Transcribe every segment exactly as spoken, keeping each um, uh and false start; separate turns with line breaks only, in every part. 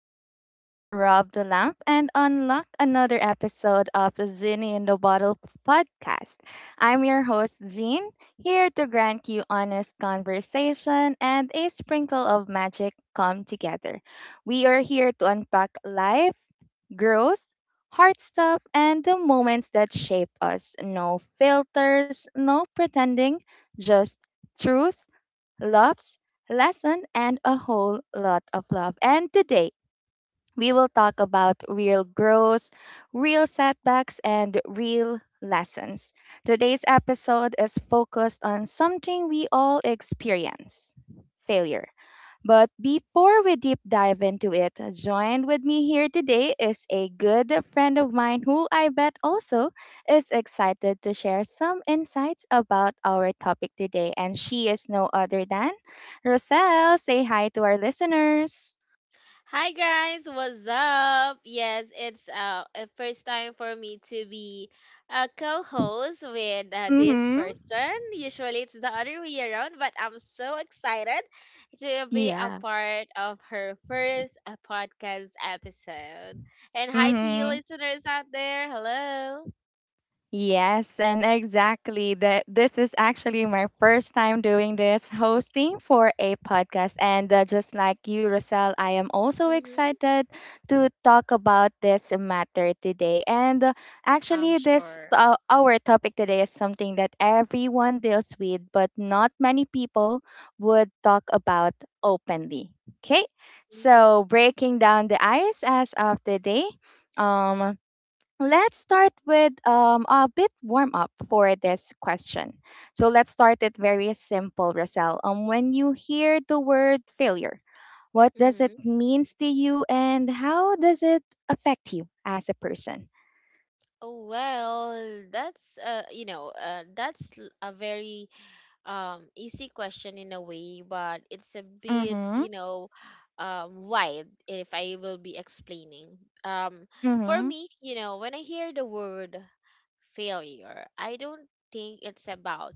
You've just rubbed the lamp and unlocked another episode of the Zinni in the Bottle podcast. I'm your host, Jean, here to grant you honest conversation and a sprinkle of magic come together. We are here to unpack life, growth, hard stuff, and the moments that shape us. No filters, no pretending, just truth loves, lesson, and a whole lot of love. And today, we will talk about real growth, real setbacks, and real lessons. Today's episode is focused on something we all experience: failure. But before we deep dive into it, joined with me here today is a good friend of mine who I bet also is excited to share some insights about our topic today. And she is no other than Roselle. Say hi to our listeners.
Hi guys, what's up? Yes, it's uh, a first time for me to be a co-host with uh, this
Mm-hmm.
person. Usually it's the other way around, but I'm so excited to be a
Yeah.
part of her first uh, podcast episode. And hi to you
Mm-hmm.
listeners out there. Hello.
Yes, and exactly that, this is actually my first time doing this hosting for a podcast, and uh, just like you Rosal, I am also
Mm-hmm.
excited to talk about this matter today. And uh,
I'm
actually this
sure.
uh, our topic today is something that everyone deals with but not many people would talk about openly. Okay?
Mm-hmm.
So, breaking down the ISS of the day, let's start with um, a bit warm up for this question. So let's start it very simple, Rosal. Um, when you hear the word failure, what does it
Mm-hmm.
means to you, and how does it affect you as a person?
Oh well, that's uh, you know, uh, that's l- a very um easy question in a way, but it's a bit,
Mm-hmm.
you know um wide if I will be explaining. um for
Mm-hmm.
me, you know, when I hear the word failure, I don't think it's about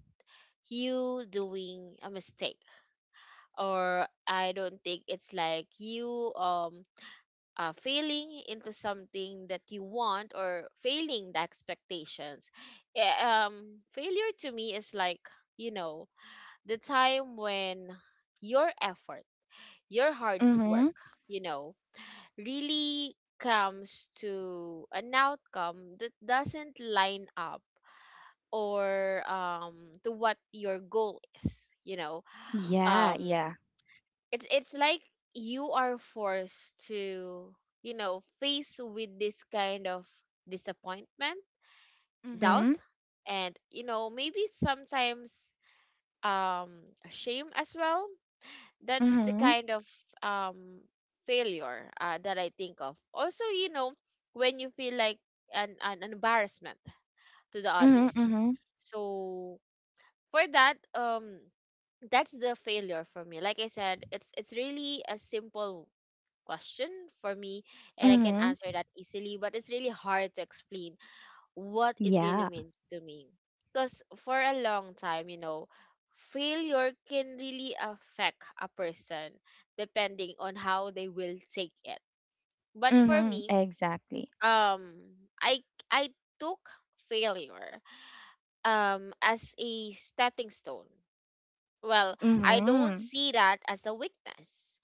you doing a mistake, or I don't think it's like you um uh, failing into something that you want, or failing the expectations. Eh, um failure to me is like, you know, the time when your effort, your hard
Mm-hmm.
work, you know, really comes to an outcome that doesn't line up or um to what your goal is, you know.
Yeah.
Um
Yeah.
it's it's like you are forced to, you know, face with this kind of disappointment, doubt,
Mm-hmm.
and, you know, maybe sometimes um shame as well. That's the
Mm-hmm.
kind of um failure uh, that I think of. Also, you know, when you feel like an, an embarrassment to the
Mm-hmm.
others.
Mm-hmm.
So for that, um that's the failure for me. Like I said, it's it's really a simple question for me, and I can
Mm-hmm.
answer that easily, but it's really hard to explain what it
Yeah.
really means to me. Because for a long time, you know, failure can really affect a person depending on how they will take it. But for
Mm-hmm.
me,
Exactly.
um, I I took failure um as a stepping stone. Well, I don't
Mm-hmm.
see that as a weakness.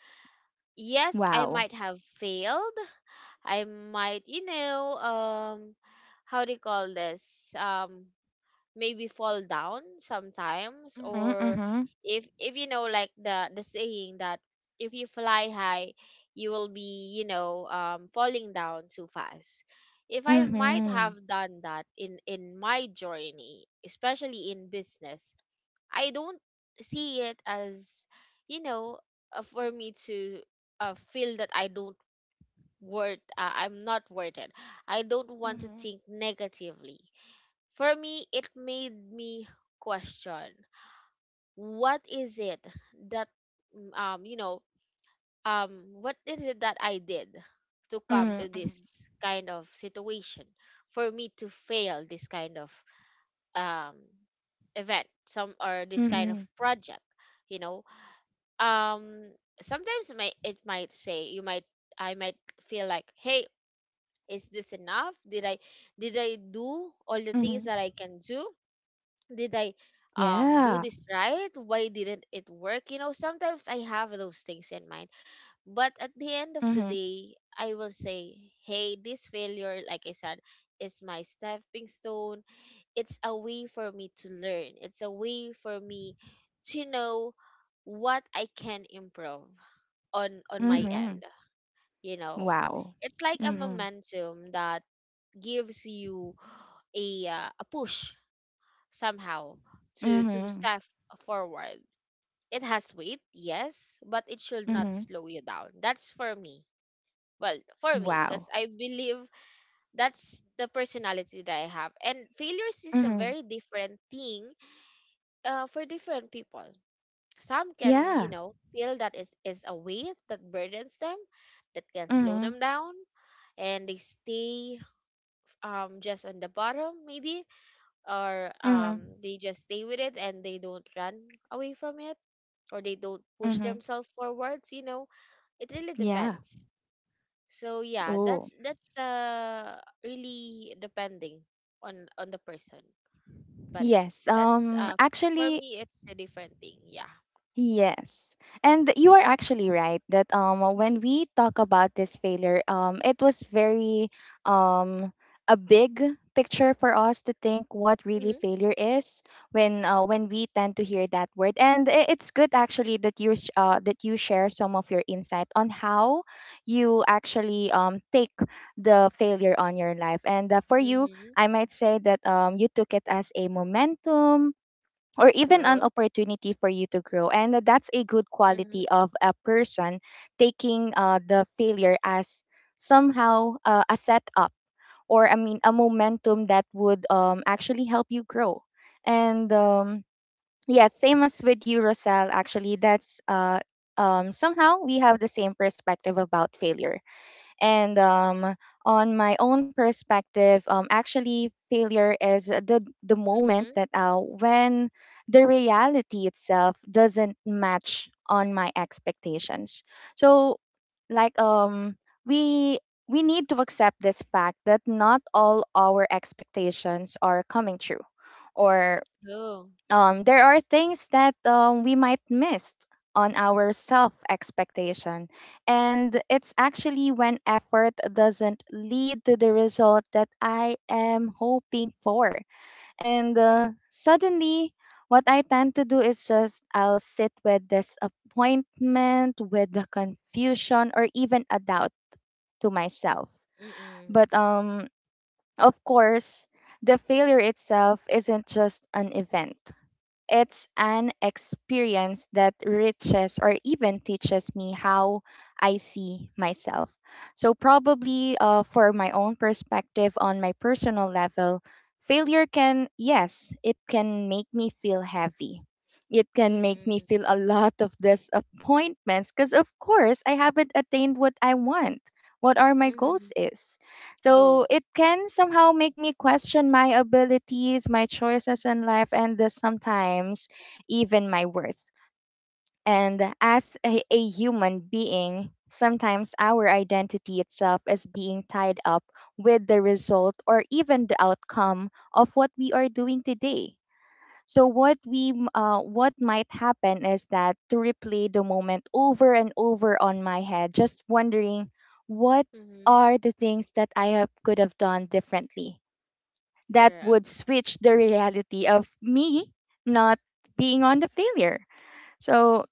Yes, I
Wow.
might have failed. I might, you know, um, how do you call this? Um, maybe fall down sometimes,
Mm-hmm.
or
Mm-hmm.
if if you know, like the the saying that if you fly high, you will be, you know, um falling down too fast. If I might have
Mm-hmm.
done that in in my journey, especially in business, I don't see it as, you know, uh, for me to uh, feel that I don't worth, uh, I'm not worth it. I don't want to
Mm-hmm.
think negatively. For me, it made me question what is it that mm, um you know, um what is it that I did to come to
Mm-hmm.
this kind of situation, for me to fail this kind of um event some, or this kind of
Mhm,
project, you know. um Sometimes it might, it might say you might, I might feel like, hey, is this enough? Did I, did I do all
mhm.
the things that I can do? Did I um
Yeah.
do this right? Why didn't it work? You know, sometimes I have those things in mind. But at the end of
Mhm,
the day, I will say, hey, this failure, like I said, is my stepping stone. It's a way for me to learn. It's a way for me to know what I can improve on, on my
mhm.
end. You know,
Wow.
it's like a
Mhm,
momentum that gives you a uh, a push somehow to to
mhm,
step forward. It has weight, yes, but it should not
mhm.
slow you down. That's for me. Well, for me,
Wow.
because I believe that's the personality that I have. And failures is a
Mhm.
very different thing uh, for different people. Some can, you
Yeah.
know, feel that is is a weight that burdens them, that can slow
Mhm,
them down, and they stay um just on the bottom maybe, or um
mhm,
they just stay with it and they don't run away from it, or they don't push
mhm.
themselves forwards, you know. It really
Yeah.
depends. So yeah,
Oh,
that's that's uh really depending on on the person. But
yes.
that's
Um,
uh for
actually,
me it's a different thing, yeah.
yes. And you are actually right that um
Mm-hmm.
when we talk about this failure, um it was very um a big picture for us to think what really
Mm-hmm.
failure is when uh, when we tend to hear that word. And I- it's good actually that you sh- uh, that you share some of your insight on how you actually um take the failure on your life. And uh, for you,
Hmm.
I might say that um you took it as a momentum or even an
True.
opportunity for you to grow. And that's a good
Mm-hmm.
quality of a person taking uh, the failure as somehow uh, a setup or, I mean, a momentum that would um, actually help you grow. And um, yeah, same as with you, Rosal, actually, that's uh, um, somehow we have the same perspective about failure. And um, on my own perspective, um, actually, failure is the the moment
Mm-hmm.
that uh, when the reality itself doesn't match on my expectations. So, like um, we we need to accept this fact that not all our expectations are coming true, or
True.
um, there are things that um, we might miss on our self expectation. And it's actually when effort doesn't lead to the result that I am hoping for. And uh, suddenly, what I tend to do is just I'll sit with disappointment, with the confusion, or even a doubt to myself.
Mm-mm.
But um, of course, the failure itself isn't just an event, it's an experience that enriches or even teaches me how I see myself. So, probably uh, for my own perspective on my personal level, failure can, yes, it can make me feel heavy. It can make me
Mm-mm.
feel a lot of disappointments because, of course, I haven't attained what I want, what are my
Mm-hmm.
goals is.
True.
So it can somehow make me question my abilities, my choices in life, and uh, sometimes even my worth. And as a, a human being, sometimes our identity itself is being tied up with the result or even the outcome of what we are doing today. So what we m- uh, what might happen is that to replay the moment over and over on my head, just wondering what
Mm-hmm.
are the things that I have, could have done differently that
Correct.
would switch the reality of me not being on the failure. So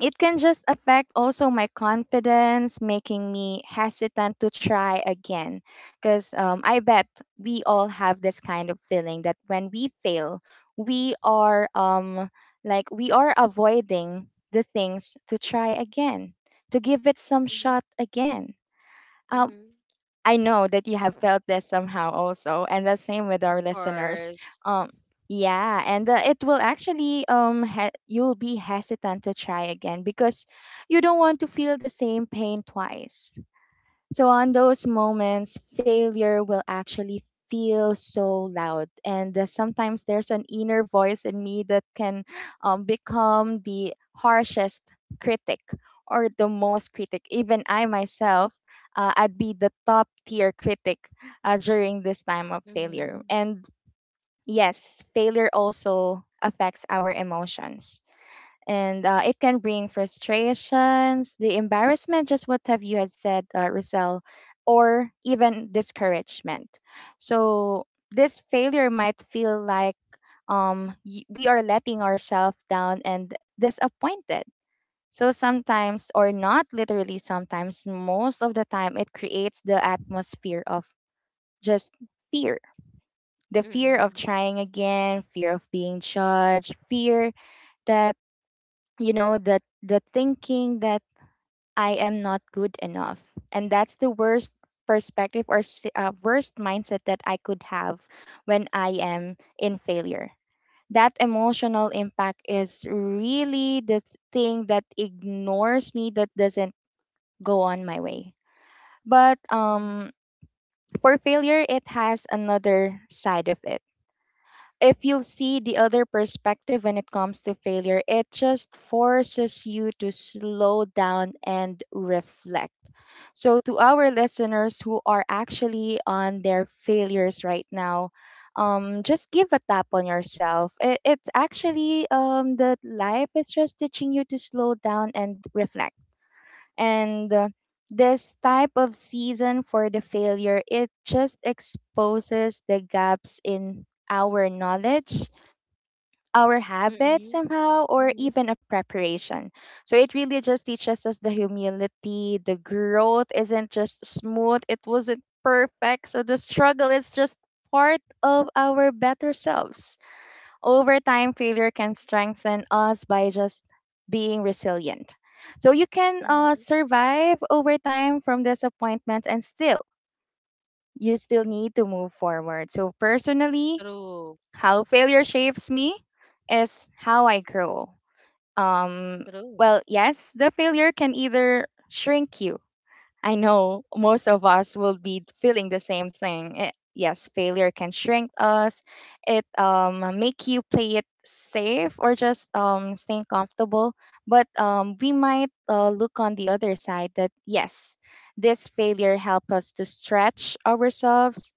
it can just affect also my confidence, making me hesitant to try again. Because um, I bet we all have this kind of feeling that when we fail, we are um, like we are avoiding the things to try again, to give it some
Mm-hmm.
shot again. Uh,
Mm-hmm.
I know that you have felt this somehow also, and the same with our listeners.
Course.
Um, yeah, and uh, it will actually um he- you'll be hesitant to try again because you don't want to feel the same pain twice. So, on those moments, failure will actually feel so loud. And uh, sometimes there's an inner voice in me that can um, become the harshest critic or the most critic. Even I myself, uh, I'd be the top tier critic uh, during this time of failure.
Mm-hmm.
And yes, failure also affects our emotions and uh, it can bring frustrations, the embarrassment, just what have you had said, uh, Rosel, or even discouragement. So this failure might feel like um, y- we are letting ourselves down and disappointed. So sometimes, or not literally sometimes, most of the time, it creates the atmosphere of just fear. The fear of
Mm-hmm.
trying again, fear of being judged, fear that you know the the thinking that I am not good enough. And that's the worst perspective or s- uh, worst mindset that I could have when I am in failure. That emotional impact is really the thing that ignores me, that doesn't go on my way. But um,
Mm-hmm.
for failure, it has another side of it. If you see the other perspective when it comes to failure, it just forces you to slow down and reflect. So, to our listeners who are actually on their failures right now, um, just give a tap on yourself. It, it's actually um, that life is just teaching you to slow down and reflect. And uh, this type of season for the failure, it just exposes the gaps in our knowledge, our habit
Mm-hmm.
somehow or
Mm-hmm.
even a preparation. So it really just teaches us the humility. The growth isn't just smooth, it wasn't perfect. So the struggle is just part of our better selves. Over time, failure can strengthen us by just being resilient. So you can uh,
Mm-hmm.
survive over time from disappointments and still you still need to move forward. So personally,
True.
how failure shapes me is how I grow. Um,
True.
well, yes, the failure can either shrink you. I know most of us will be feeling the same thing. Eh, yes, failure can shrink us. It um make you play it safe or just um staying comfortable. But um we might uh, look on the other side that yes, this failure help us to stretch ourselves,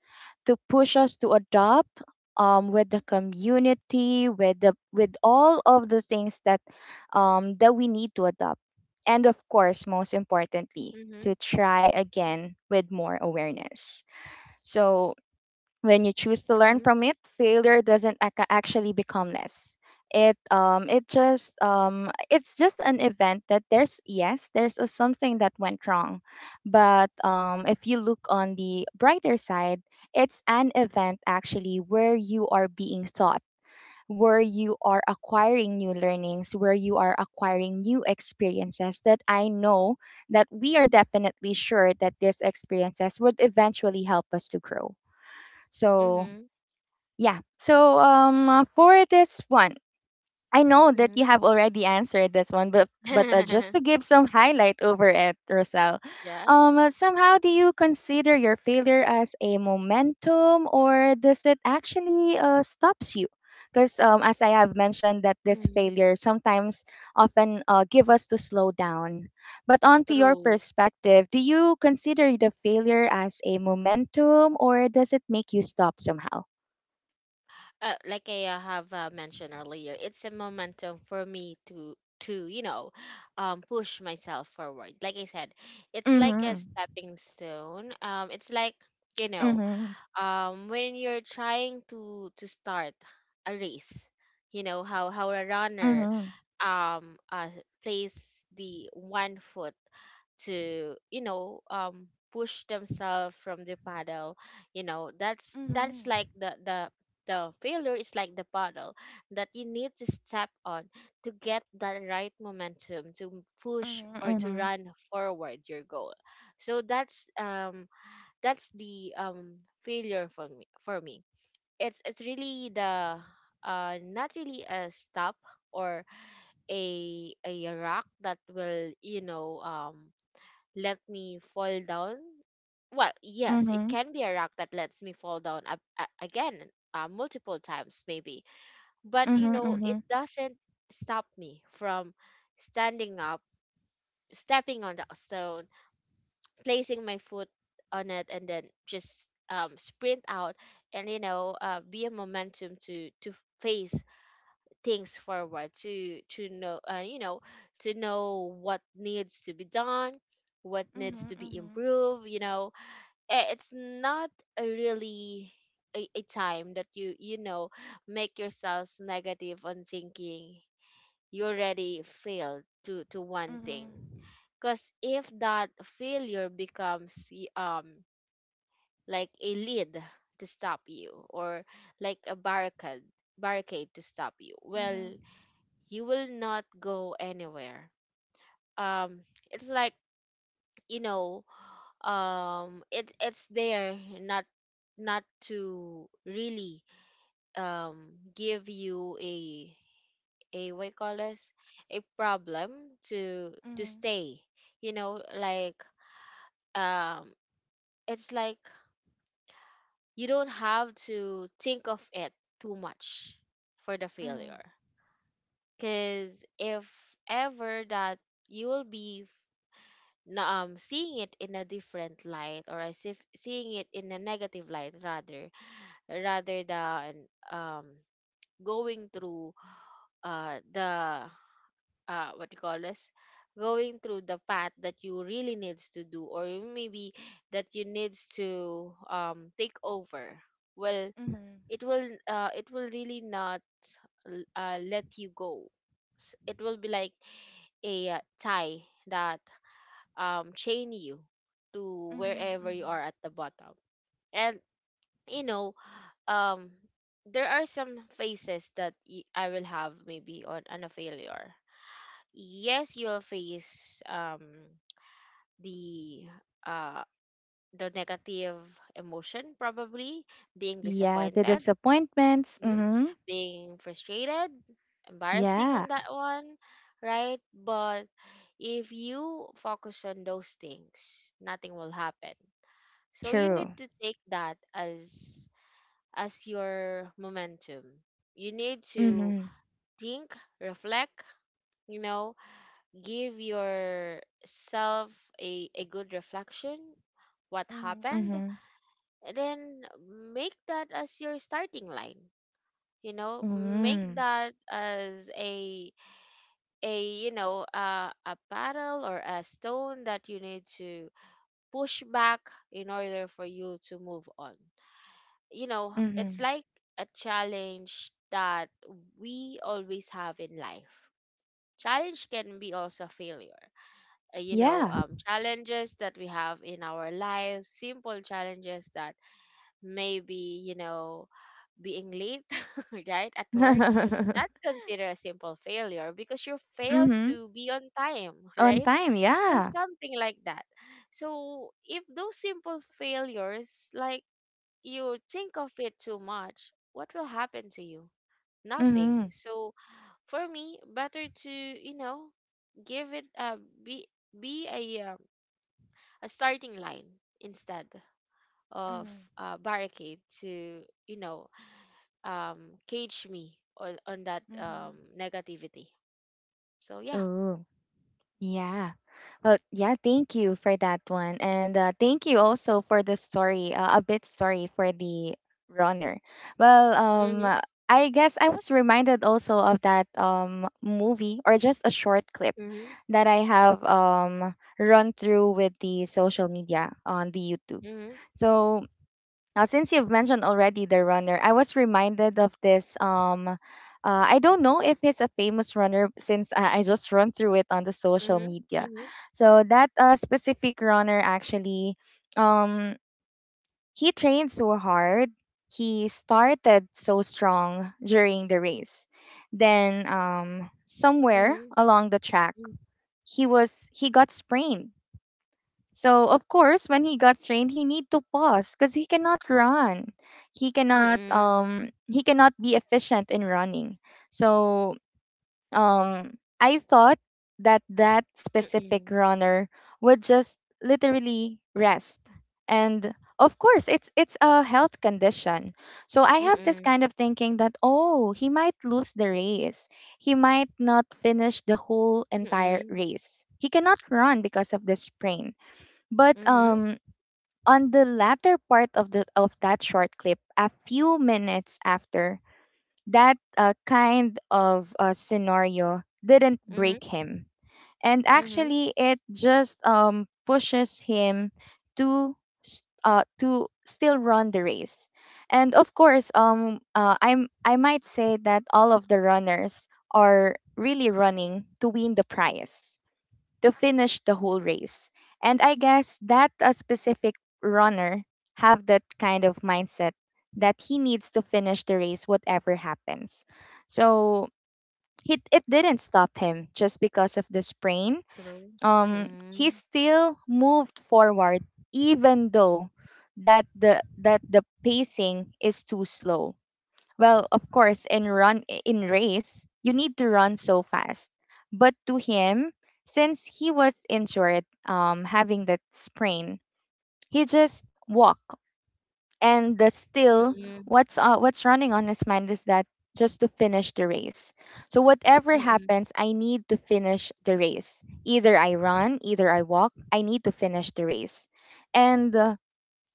to push us to adopt um with the community, with the with all of the things that um that we need to adopt, and of course, most importantly,
Mm-hmm.
to try again with more awareness. So when you choose to learn
Mm-hmm.
from it, failure doesn't ac- actually become less. It um it just um it's just an event that there's yes there's a something that went wrong, but um if you look on the brighter side, it's an event actually where you are being taught, where you are acquiring new learnings, where you are acquiring new experiences that I know that we are definitely sure that these experiences would eventually help us to grow. So,
Mm-hmm.
yeah. So, um, for this one, I know that you have already answered this one, but but uh, just
Mm-hmm.
to give some highlight over it, Rosal,
Yeah.
um, uh, somehow do you consider your failure as a momentum, or does it actually uh, stops you? Because um, as I have mentioned, that this
Mm-hmm.
failure sometimes often uh, give us to slow down. But onto your
True.
perspective, do you consider the failure as a momentum, or does it make you stop somehow?
Uh, like I uh, have uh, mentioned earlier, it's a momentum for me to to you know, um push myself forward, like I said.
Mm-hmm.
It's like a stepping stone. Um it's like, you know,
Mm-hmm.
um when you're trying to to start a race, you know how, how a runner
Mm-hmm.
um uh plays the one foot to, you know, um push themselves from the paddle, you know. That's
Mm-hmm.
that's like the the the failure is like the paddle that you need to step on to get that right momentum to push
Mhm,
or to
mhm,
run forward your goal. So that's um that's the um failure for me. For me, it's it's really the uh not really a stop, or a, a rock that will, you know, um let me fall down. Well, yes, it
mhm,
can be a rock that lets me fall down a- a- again, uh, multiple times maybe, but you
mhm,
know it
mhm,
doesn't stop me from standing up, stepping on that stone, placing my foot on it, and then just um, sprint out, and you know, uh, be a momentum to to face things forward, to to know, uh, you know, to know what needs to be done, what needs to
mhm,
be
mhm,
improved, you know. Eh, it's not a really a, a time that you you know, make yourselves negative on thinking you already failed to to one
mhm,
thing. Because if that failure becomes y- um like a lead to stop you, or like a barricade, barricade to stop you,
mhm,
well,
mhm,
you will not go anywhere. Um, it's like, you know, um, it it's there not not to really um give you a, a what you call this, a problem to to stay, you know, like, um it's like you don't have to think of it too much for the
mhm, mhm,
failure. Because if ever that you will be f- na- um seeing it in a different light, or as if seeing it in a negative light, rather rather than um going through uh the uh what you call this, going through the path that you really needs to do, or maybe that you needs to um take over, well, it will uh, it will really not l- uh, let you go. S- it will be like a, uh, tie that um chain you to
mhm,
wherever you are
mhm.
at the bottom. And you know, um there are some phases that y- I will have maybe on, on a failure. Yes, you will face um the uh the negative emotion, probably being
Yeah, the
disappointed.
disappointments.
Mhm.
Mm-hmm.
Being frustrated, embarrassing on
Yeah,
that one, right? But if you focus on those things, nothing will happen. So you
true.
need to take that as, as your momentum. You need to
Mm-hmm.
think, reflect, you know, give yourself a, a good reflection what
Mm-hmm.
happened.
Mm-hmm.
And then make that as your starting line, you know, make
Mm-hmm.
that as a, a you know, uh, a battle or a stone that you need to push back in order for you to move on. You know, it's
Mm-hmm.
like a challenge that we always have in life. Challenge can be also failure. Uh, you know,
Yeah.
um, challenges that we have in our lives, simple challenges that maybe, you know, being late, right, at work,
mm-hmm.
that's considered a simple failure because you failed to be on time,
On
right?
time.
So
Yeah.
something like that. So if those simple failures, like, you think of it too much, what will happen to you?
Mm-hmm.
Nothing. So for me, better to, you know, give it a, be, be a um, a starting line instead of
Mm-hmm.
uh, barricade to, you know, um cage me on on that um
Mm-hmm.
negativity. So yeah.
Oh. Yeah. Well, yeah, thank you for that one. And uh, thank you also for the story, uh, a bit story for the runner. Well, um,
Mhm.
uh, I guess I was reminded also of that um, movie or just a short clip
Mhm.
that I have um, run through with the social media on the YouTube.
Mhm.
So now, since you've mentioned already the runner, I was reminded of this. Um, uh, I don't know if he's a famous runner since I, I just run through it on the social
Mhm.
media.
Mhm.
So that uh, specific runner actually, um, he trained so hard. He started so strong during the race. Then um, somewhere
Mhm.
along the track, he was he got sprained. So, of course, when he got strained, he need to pause because he cannot run. He cannot
Mhm.
um he cannot be efficient in running. So, um I thought that that specific
Mhm.
runner would just literally rest. And of course, it's it's a health condition. So I have this
Mhm.
kind of thinking that oh, he might lose the race. He might not finish the whole entire
Mhm.
race. He cannot run because of the sprain. But
Mhm.
um on the latter part of the of that short clip, a few minutes after, that uh, kind of uh, scenario didn't break
Mhm.
him. And
Mhm.
actually it just um pushes him to s- uh to still run the race. And of course, um uh, I'm I might say that all of the runners are really running to win the prize to finish the whole race. And I guess that a specific runner have that kind of mindset that he needs to finish the race whatever happens. So it, it didn't stop him just because of the sprain.
True.
Um, he
Mhm.
still moved forward even though that the that the pacing is too slow well, of course, in run in race, you need to run so fast. But to him, since he was injured, um, having that sprain, he just walked. And the
Mhm.
still,
Mhm.
what's uh, what's running on his mind is that just to finish the race. So whatever
Mhm.
happens, I need to finish the race. Either I run, either I walk. I need to finish the race. And uh,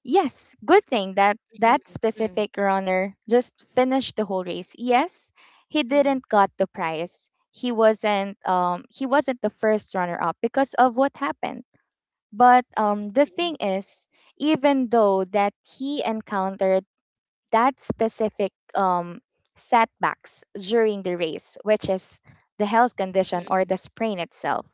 yes, good thing that
Mhm.
that
Mhm. Mhm.
specific runner just finished the whole race. Yes, he
Mhm.
didn't got the prize. He wasn't um he wasn't the first runner up because of what happened. But um the
True.
thing is, even though that he encountered that specific um setbacks during the race, which is the health condition or the sprain itself,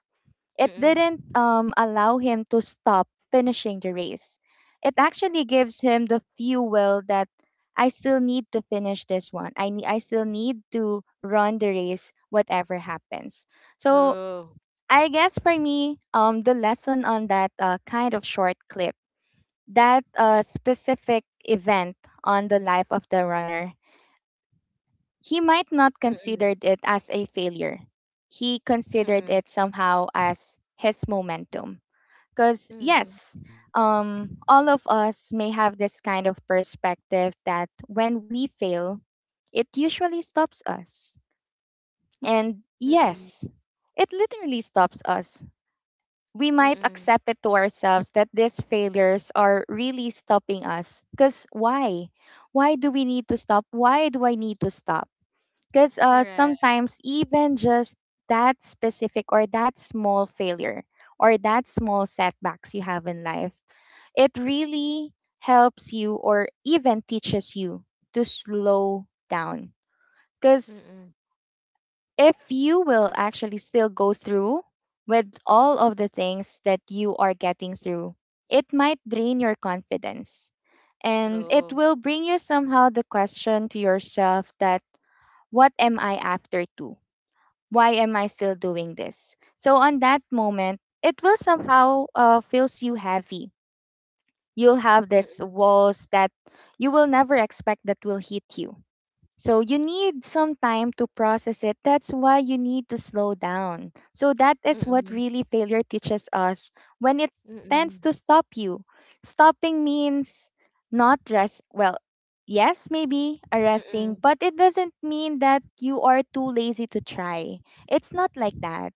it
Mhm.
didn't um, allow him to stop finishing the race. It actually gives him the fuel that I still need to finish this one. I, need I still need to run the race, whatever happens. So I guess for me, um, the lesson on that uh, kind of short clip, that uh, specific event on the life of the runner, he might not
Mhm.
considered it as a failure. He considered
Mhm.
it somehow as his momentum. Because, yes, um, all of us may have this kind of perspective that when we fail, it usually stops us. And
Mhm.
yes, it literally stops us. We might
Mhm.
accept it to ourselves that these failures are really stopping us. Because why? Why do we need to stop? Why do I need to stop? Because uh,
Correct.
sometimes, even just that specific or that small failure or that small setbacks you have in life it really helps you or even teaches you to slow down. Because
Mhm.
if you will actually still go through with all of the things that you are getting through, it might drain your confidence. And it
True.
will bring you somehow the question to yourself that, what am I after to? Why am I still doing this? So, on that moment, it will somehow uh, feels you heavy you'll have these
Mm,
walls that you will never expect that will hit you so you need some time to process it. That's why you need to slow down. So that is what
mm,
really failure teaches us when it
mm,
tends
mm,
to stop you. Stopping means not rest. Well, yes, maybe arresting,
mm,
but it doesn't mean that you are too lazy to try. It's not like that.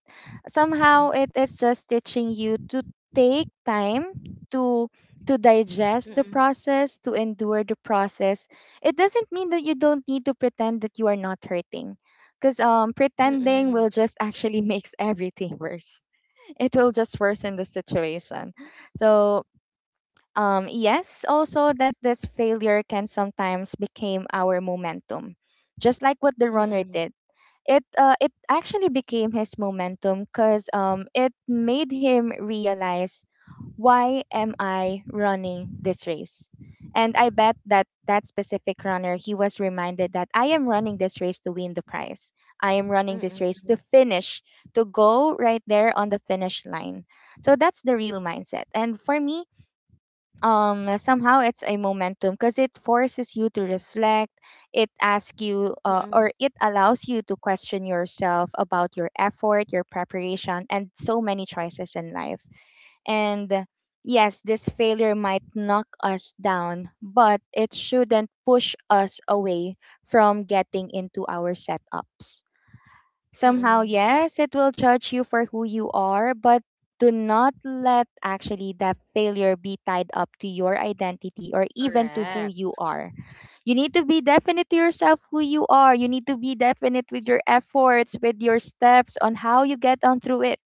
Somehow it is just teaching you to take time to to digest the process, to endure the process it doesn't mean that you don't need to pretend that you are not hurting because um,
mm, mm,
pretending will just actually makes everything worse it will just worsen the situation so um, yes also that this failure can sometimes become our momentum just like what the runner did it uh, it actually became his momentum because um it made him realize why am I running this race? And I bet that that specific runner, he was reminded that I am running this race to win the prize. I am running this
mm,
race to finish, to go right there on the finish line. So that's the real mindset. And for me, um somehow it's a momentum because it forces you to reflect it asks you uh,
mm,
or it allows you to question yourself about your effort your preparation and so many choices in life and uh, yes this failure might knock us down but it shouldn't push us away from getting into our setups
mm.
somehow, yes, it will judge you for who you are, but do not let actually that failure be tied up to your identity or even to
Correct.
who you are. You need to be definite to yourself who you are. You need to be definite with your efforts, with your steps on how you get on through it.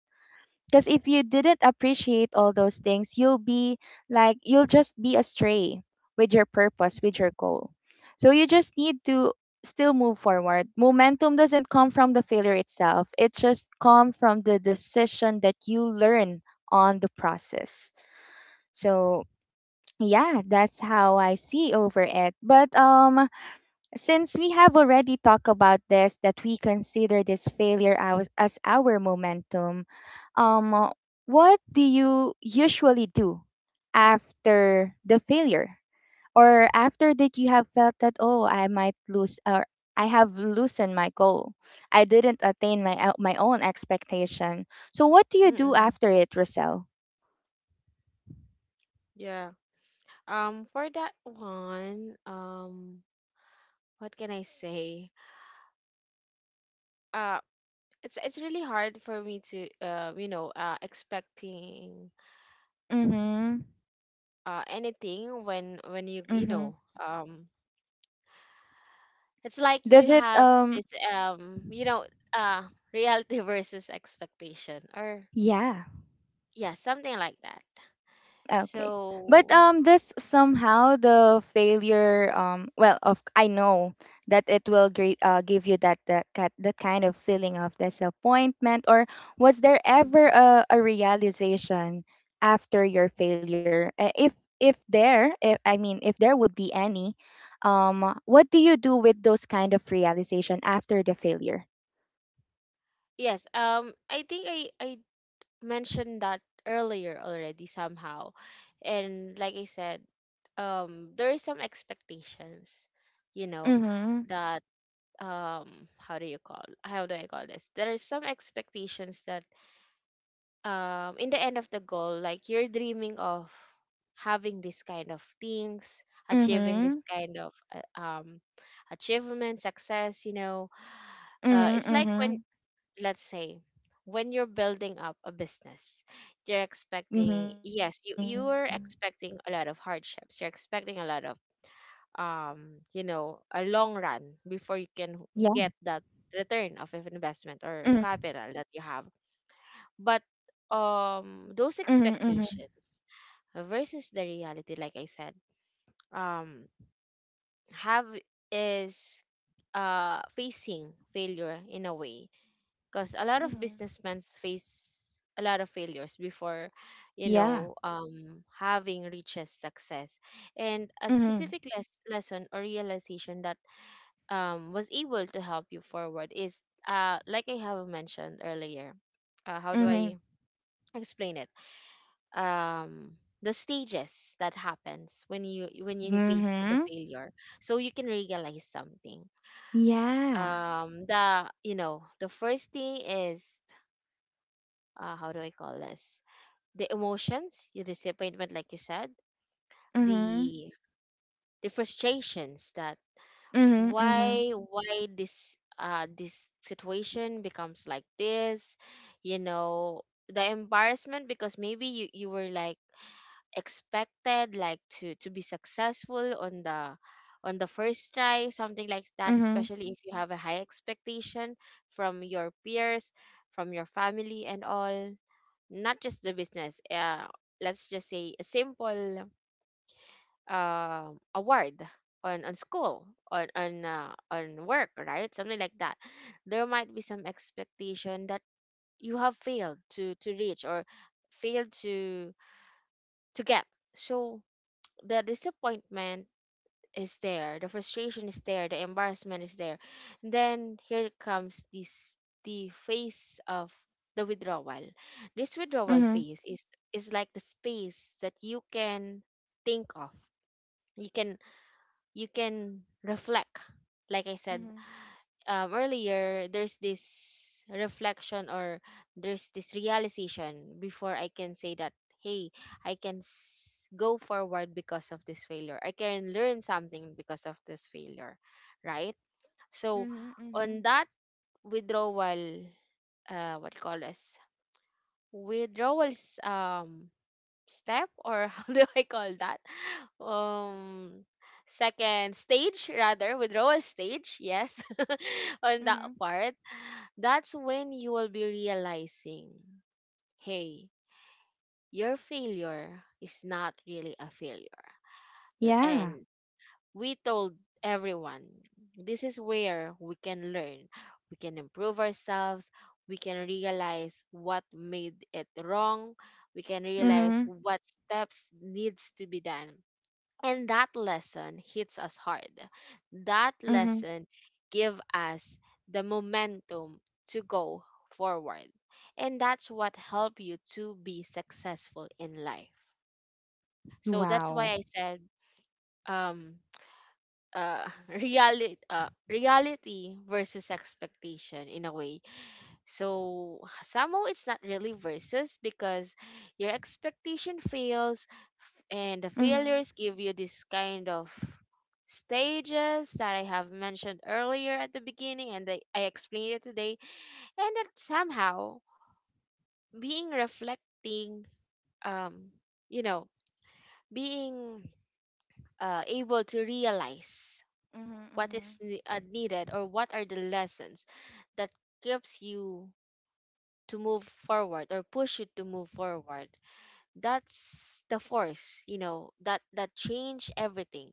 Because if you didn't appreciate all those things, you'll be like, you'll just be astray with your purpose, with your goal. So you just need to still move forward. Momentum doesn't come from the failure itself, it just comes from the decision that you learn on the process. So, yeah, that's how I see over it. But um since we have already talked about this, that we consider this failure as, as our momentum, um, what do you usually do after the failure? Or after that you have felt that, oh, I might lose or I have loosened my goal. I didn't attain my o- my own expectation. So what do you do
Mm-mm.
after it, Roselle?
Yeah. Um, for that one, um, what can I say? Uh, it's it's really hard for me to, uh, you know, uh, expecting
Mm-hmm.
uh anything when, when you, you
Mm-hmm.
know, um, it's like
Does
you
it
have
um
this, um, you know, uh, reality versus expectation, or
yeah.
yeah, something like that.
Okay. But
So
um this somehow the failure um well of I know that it will great uh, give you that that ki- that kind of feeling of disappointment or was there ever a, a realization after your failure. Uh, if if there if, I mean if there would be any um what do you do with those kind of realization after the failure?
yes, um, I think I I mentioned that earlier already somehow, and like I said, um, there is some expectations, you know,
Mhm.
that um, how do you call, how do I call this? There is some expectations that um in the end of the goal, like you're dreaming of having this kind of things, achieving
Mhm.
this kind of uh, um achievement, success, you know. Uh,
Mhm.
it's like when,
Mhm.
let's say, when you're building up a business, you're
Mhm.
expecting, yes, you you're expecting a lot of hardships, you're expecting a lot of um you know, a
Yeah.
long run before you can get that return of
Mhm.
investment or capital that you have. But um
Mhm.
those
Mhm.
expectations versus the reality, like I said, um have is uh facing failure in a way, because a lot of
Mhm.
businessmen face a lot of failures before, you
Yeah.
know, um having reaches success. And a
Mhm.
specific les- lesson or realization that um was able to help you forward is, uh like I have mentioned earlier, uh, how do I
Mhm.
explain it um the stages that happens when you when you face the
Mhm.
failure, so you can realize something.
Yeah.
um the you know, the first thing is, uh, how do I call this the emotions, the disappointment, like you said,
Mhm.
the the frustrations that,
Mhm. Mhm.
why why this uh this situation becomes like this, you know, the embarrassment, because maybe you you were like expected, like to to be successful on the, on the first try, something like that,
Mhm.
especially if you have a high expectation from your peers, from your family and all. Not just the business, uh, let's just say a simple um award on on school, on, on uh, on work, right, something like that. There might be some expectation that you have failed to to reach, or failed to to get. So the disappointment is there, the frustration is there, the embarrassment is there. Then here comes this, the phase of the withdrawal. This withdrawal
Mhm.
phase is is like the space that you can think of. You can, you can reflect. Like I said,
Mhm.
um, earlier, there's this reflection, or there's this realization before I can say that, hey, I can s- go forward because of this failure, I can learn something because of this failure, right. So
Mhm.
on
Mhm.
that withdrawal, uh what you call this withdrawals, um step, or how do I call that, um second stage rather, withdrawal stage, yes. On that
Mhm.
part, that's when you will be realizing, hey, your failure is not really a failure. L-
Yeah.
And we told everyone this is where we can learn, we can improve ourselves, we can realize what made it wrong, we can realize
Mhm.
what steps needs to be done. And that lesson hits us hard. That
Mhm.
lesson give us the momentum to go forward. And that's what help you to be successful in life. So that's why
Wow.
I said, um uh reality, uh, reality versus expectation in a way. So somehow it's not really versus, because your expectation fails, f- and the
Mhm.
failures give you this kind of stages that I have mentioned earlier at the beginning, and I, I explained it today. And that somehow being reflecting, um you know, being uh, able to realize
Mhm.
what is
Mhm.
ne- uh, needed, or what are the lessons that keeps you to move forward, or push you to move forward. That's the force, you know, that that change everything,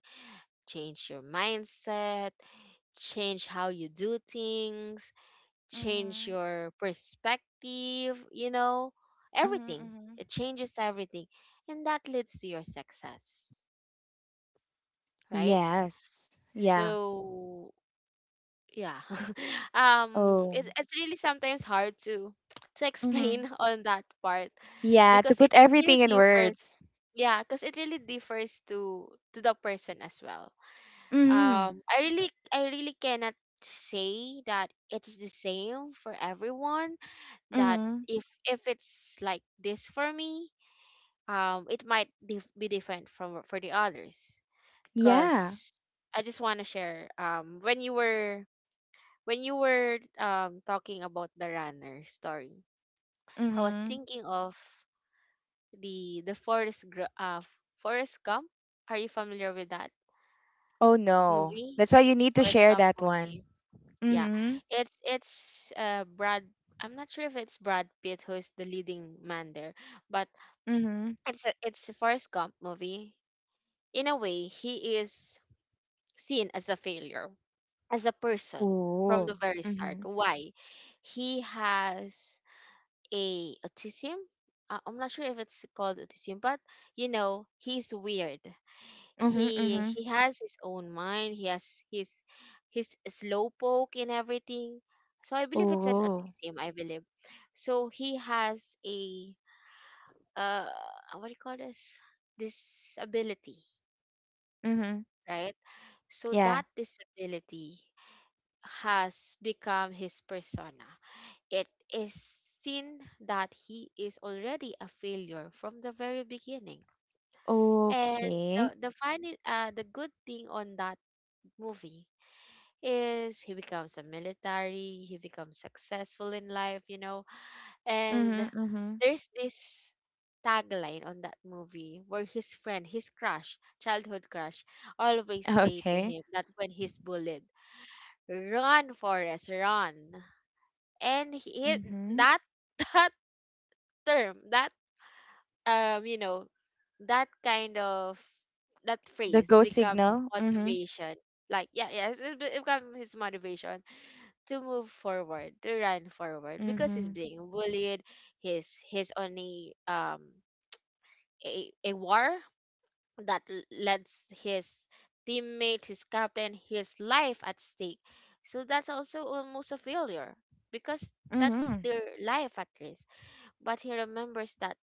change your mindset, change how you do things, change
Mhm.
your perspective, you know,
Mhm.
everything.
Mhm.
It changes everything, and that leads to your success, right.
Yes. Yeah.
So yeah, um
Oh.
it, it's really sometimes hard to to explain
Mhm.
on that part,
Yeah, to
because it,
put
it really
everything in
differs,
words.
yeah, because it really differs to to the person as well.
Mhm.
um I really, I really cannot say that it's the same for everyone, that
Mhm.
if if it's like this for me, um it might dif- be different from, for the others,
Yeah.
because I just want to share. Um when you were, when you were um talking about the runner story, I was
Mhm.
thinking of the the Forest Gr- uh Forest Gump. Are you familiar with that
Oh no.
movie?
That's why you need to
Forest
share
Gump
that one.
movie. Yeah,
Mhm.
it's it's uh Brad, I'm not sure if it's Brad Pitt who is the leading man there, but
Mhm.
it's a, it's a Forrest Gump movie. In a way, he is seen as a failure, as a person, from
Ooh.
the very start.
Mhm.
Why? He has a autism. Uh, I'm not sure if it's called autism, but you know, he's weird.
Mhm.
He
Mhm.
he has his own mind. He has his his slowpoke and everything. So I believe it's an
Ooh.
autism, I believe. So he has a uh what do you call this disability,
Mhm.
right? So that
Yeah.
disability has become his persona. It is seen that he is already a failure from the very beginning. And
Okay.
the the funny, uh, the good thing on that movie is he becomes a military, he becomes successful in life, you know. And
Mhm. Mhm.
there's this tagline on that movie where his friend, his crush, childhood crush, always say to
Okay.
him that when he's bullied, "Run, Forrest, run." And he,
Mhm.
that that term, that, um you know, that kind of, that
The
phrase
go
become his
signal. Mhm.
motivation. Like, yeah, yeah, it be- it become his motivation to move forward, to run forward, because he's
Mhm.
being bullied, he's he's on a um a, a war that l- lets his teammate, his captain, his life at stake. So that's also almost a failure, because that's
Mhm.
their life at risk. But he remembers that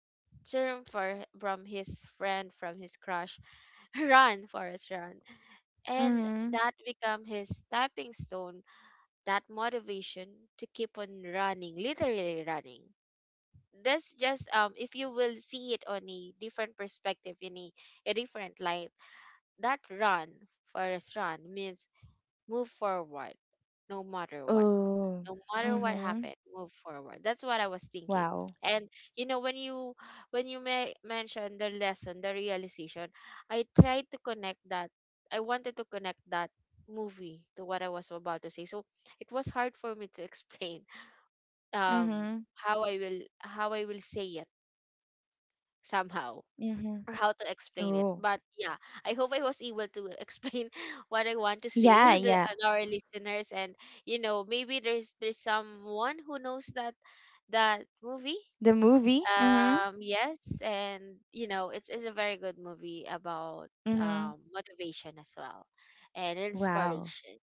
term, for from his friend, from his crush, run Forest run, and
Mhm.
that become his stepping stone, that motivation to keep on running, literally running. This, just, um if you will see it on a different perspective, in a, a different light, that run Forest run means move forward, no matter what.
Oh.
No matter what
Mhm.
happened, move forward. That's what I was thinking.
Wow.
And you know, when you, when you may mention the lesson, the realization, I tried to connect that, I wanted to connect that movie to what I was about to say. So it was hard for me to explain, um
Mhm.
how I will, how I will say it somehow,
Mhm.
or how to explain it.
Oh.
But yeah, I hope I was able to explain what I want to say
Yeah,
on the,
yeah.
on our listeners. And you know, maybe there's there's someone who knows that, that movie.
The movie? Mhm.
Um yes, and you know, it's it's a very good movie about
Mhm.
um motivation as well, and
Wow.
inspiration.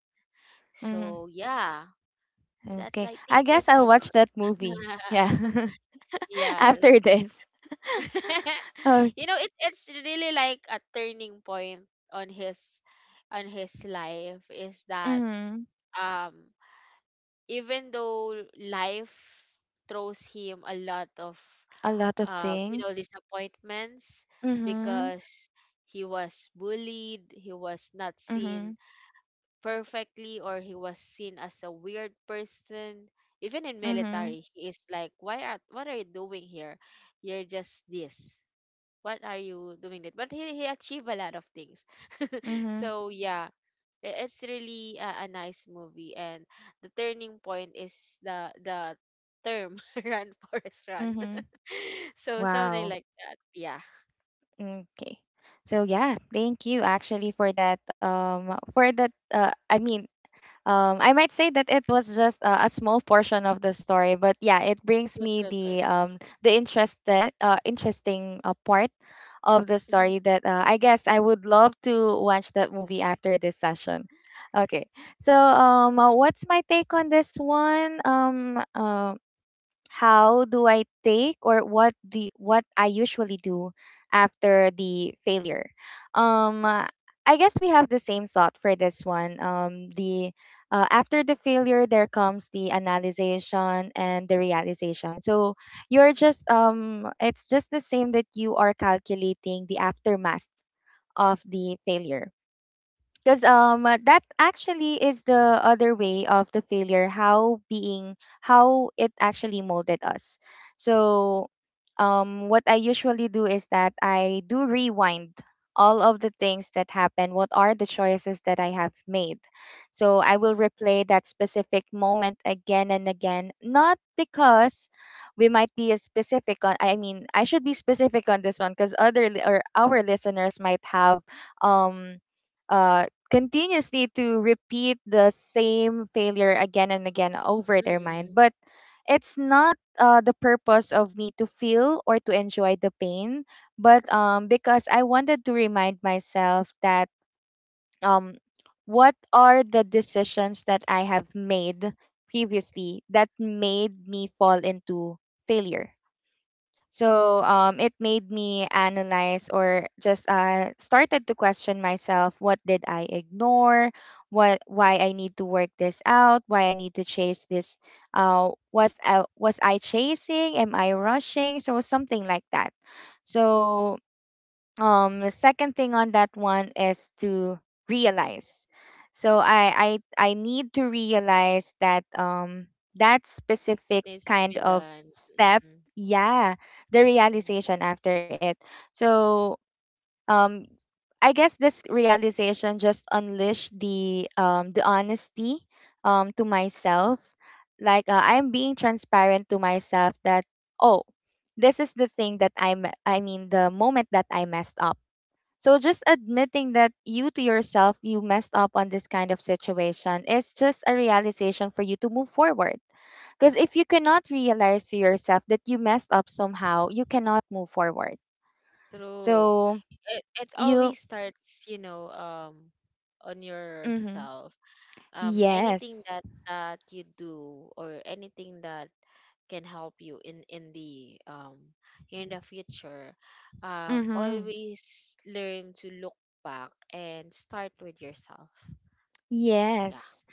Mhm.
So yeah, that's,
Okay.
I
I
think
guess
it's
I'll watch
about
that movie. Yeah.
yes.
After this. Oh,
You know it, it's really like a turning point on his, on his life, is that
mhm.
um even though life throws him a lot of
A lot of
uh you know,
things.
disappointments,
Mhm.
because he was bullied, he was not
Mhm.
seen perfectly, or he was seen as a weird person. Even in
Mhm.
military, he is like, why are, what are you doing here, you're just this, what are you doing that. But he, he achieved a lot of things.
Mhm.
So yeah, I- it's really a, a nice movie, and the turning point is the the term, run Forest run.
Mhm.
So something
Wow.
like that, yeah.
Okay. So yeah, thank you actually for that um for that uh I mean, um, I might say that it was just a, a small portion of the story, but yeah, it brings
True,
me
true, true.
the um, the interested uh, interesting uh, part of the
Mhm,
story that uh, I guess I would love to watch that movie after this session. Okay, so um, uh, what's my take on this one? Um, um how do I take or what do what I usually do after the failure? Um, uh, I guess we have the same thought for this one. Um, the uh, after the failure, there comes the analyzation and the realization. So you're just um, it's just the same that you are calculating the aftermath of the failure because um uh, that actually is the other way of the failure how being how it actually molded us so um what I usually do is that I do rewind all of the things that happened what are the choices that I have made so I will replay that specific moment again and again, not because we might be a specific on I mean I should be specific on this one because other li- or our listeners might have um uh, continuously to repeat the same failure again and again over their
mm,
mind.
mhm,
But it's not uh, the purpose of me to feel or to enjoy the pain, but um, because I wanted to remind myself that um, what are the decisions that I have made previously that made me fall into failure. So um, it made me analyze or just uh, started to question myself: what did I ignore? What why I need
mhm.
to work this out? Why I need to chase this? Uh, was I, was I chasing? Am I rushing? So something like that. So um the second thing on that one is to realize. So i i i need to realize that um that
What
specific
needs to be
kind of
done.
step.
Mhm,
Yeah, the
mhm.
realization after it. So um I guess this realization just unleashed the um the honesty um to myself. Like uh, I'm being transparent to myself that oh, this is the thing that I am I mean the moment that I messed up. So just admitting that you to yourself you messed up on this kind of situation is just a realization for you to move forward. Because if you cannot realize to yourself that you messed up somehow, you cannot move forward.
True.
So
It it
you
always starts, you know, um, on
mm-hmm.
yourself. Um, anything
Yes.
that, that you do, or anything that can help you in, in the um in the future, um,
Mm-hmm.
always learn to look back and start with yourself. Yeah.
Yes.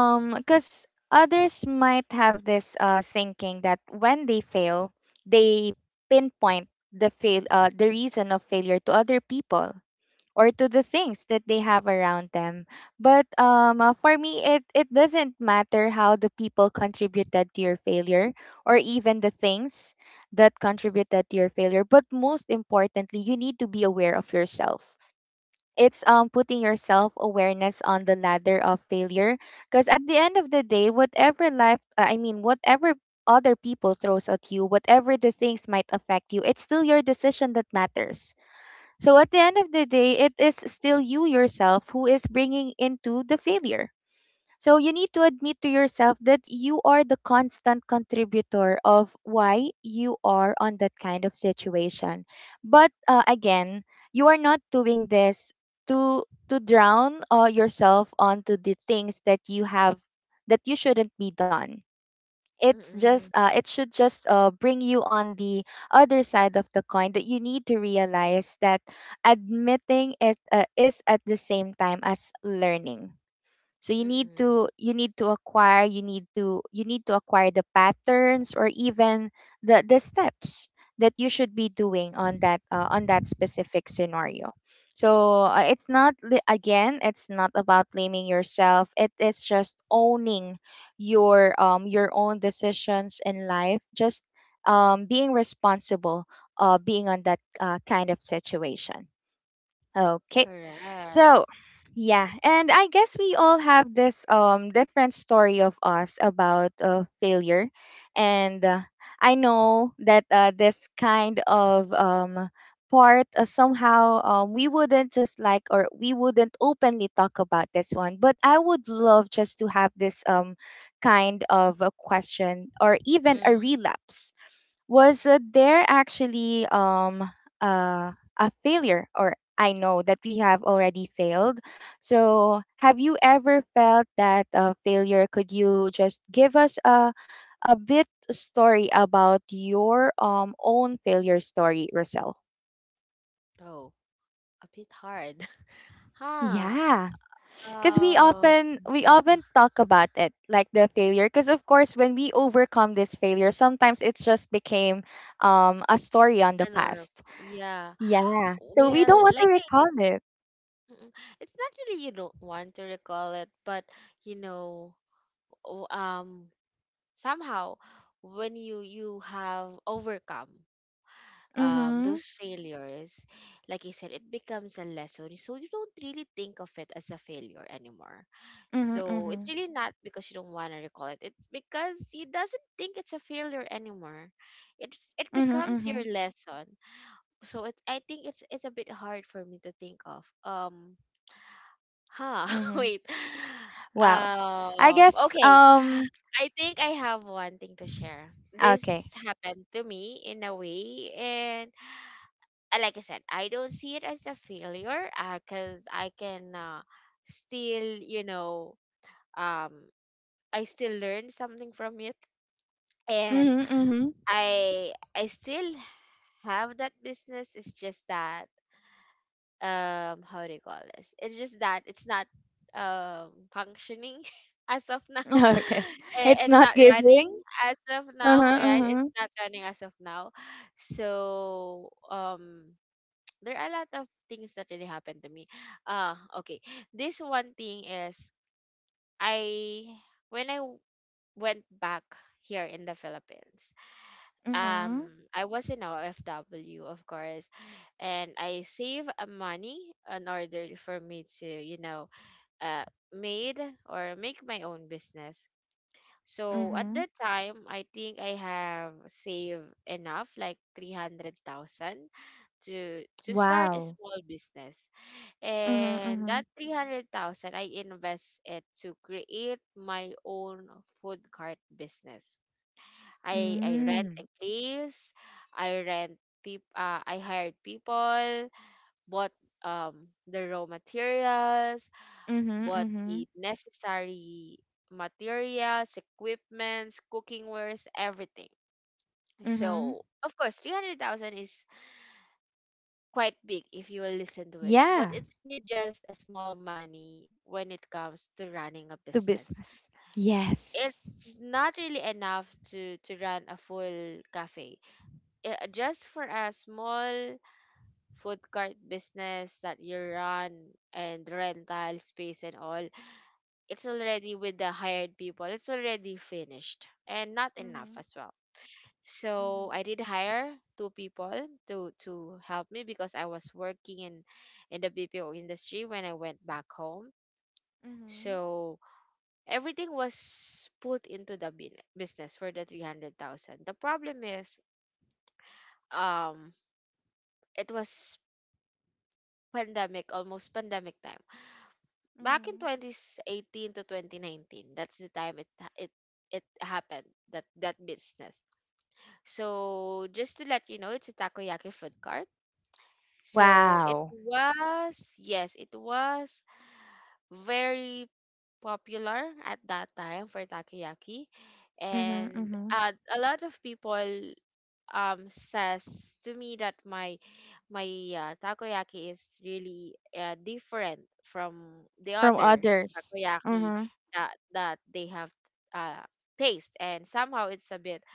Mm-mm.
Because others might have this uh thinking that when they fail, they pinpoint the fail uh the reason of failure to other people or to the things that they have around them. But um, uh, for me, it, it doesn't matter how the people contributed to your failure or even the things that contributed to your failure. But most importantly, you need to be aware of yourself. It's um, putting your self awareness on the ladder of failure. Because at the end of the day, whatever life, uh, I mean, whatever other people throws at you, whatever the things might affect you, it's still your decision that matters, so at the end of the day, it is still you yourself who is bringing into the failure. So you need to admit to yourself that you are the constant contributor of why you are on that kind of situation. But uh, again, you are not doing this to to drown uh, yourself onto the things that you have that you shouldn't be done. It's just
Mm-mm.
uh, it should just uh, bring you on the other side of the coin, that you need to realize that admitting it uh, is at the same time as learning. So you need
Mm-mm.
to you need to acquire you need to you need to acquire the patterns or even the the steps that you should be doing on that uh, on that specific scenario. So uh, it's not li- again, it's not about blaming yourself, it is just owning your um your own decisions in life, just um being responsible, uh being on that uh, kind of situation. Okay.
Correct.
So, yeah, and I guess we all have this um different story of us about uh, failure, and uh, I know that uh, this kind of um part uh, somehow um we wouldn't just like, or we wouldn't openly talk about this one, but I would love just to have this um kind of a question or even a
Mm-hmm.
relapse. Was uh, there actually um uh, a failure, or I know that we have already failed, so have you ever felt that uh, failure? Could you just give us a a bit story about your um own failure story, Roselle?
Oh, a bit hard. Huh.
Yeah, because we
Um,
often we often talk about it like the failure. Because of course, when we overcome this failure, sometimes it's just became um a story on the
a norm.
past.
Yeah.
Yeah. So we
Well,
don't want to
like I-
recall it.
mm, it's not really you don't want to recall it, but you know, o- um, somehow when you you have overcome um those
Mhm.
failures, like you said, it becomes a lesson. So you don't really think of it as a failure anymore.
Mhm.
So it's
Mhm.
really not because you don't want to recall it, it's because you doesn't think it's a failure anymore. It's, it
Mhm.
becomes your
Mhm.
lesson. So it, I think it's it's a bit hard for me to think of. Um, huh?
Mhm.
Wait.
Well, I
Um.
guess
Okay.
um
I think I have one thing to share. This
okay.
happened to me in a way, and uh, like I said, I don't see it as a failure, uh, cause I can uh, still, you know, um, I still learn something from it, and
Mhm. Mhm.
I I still have that business. It's just that um how do you call this it's just that it's not um functioning as of now.
Okay.
I-
It's
it's
not
not running
giving.
as of
Uh-huh.
now, right,
Uh-huh.
it's not running as of now. So um there are a lot of things that really happened to me. uh okay, this one thing is, I, when I w- went back here in the Philippines,
Mhm.
um I was in O F W, of course, and I save uh, money in order for me to, you know, uh made, or make my own business. So at
Mhm.
that time, I think I have saved enough, like three hundred thousand to to start a
Wow.
small business.
Mhm.
And that
Mhm.
three hundred thousand I invest it to create my own food cart business. I I rent a
Mm.
place, I rent, peop uh, I hired people, bought um the raw materials,
Mhm.
bought the
Mhm.
necessary materials, equipments, cooking wares, everything.
Mhm.
So of course, three hundred thousand is quite big if you will listen to it, but
Yeah,
it's really just a small money when it comes to running a
to
business.
business. Yes.
It's not really enough to to run a full cafe, uh, just for a small food cart business that you run and rental space and all. It's already with the hired people. It's already finished and not enough
Mhm.
as well. So
Mhm.
I did hire two people to to help me because I was working in in the B P O industry when I went back home.
Mhm.
So everything was put into the bin- business for the three hundred thousand. The problem is um it was pandemic, almost pandemic time. Back in
Mhm.
twenty eighteen to twenty nineteen, that's the time it ha- it it happened, that that business. So just to let you know, it's a takoyaki food cart. So it
Wow.
was, yes, it was very popular at that time for takoyaki,
Mhm.
and
Mhm.
uh, a lot of people um says to me that my my uh, takoyaki is really uh, different from the
From
other
others.
takoyaki
Uh-huh.
that that they have, uh taste, and somehow it's a bit,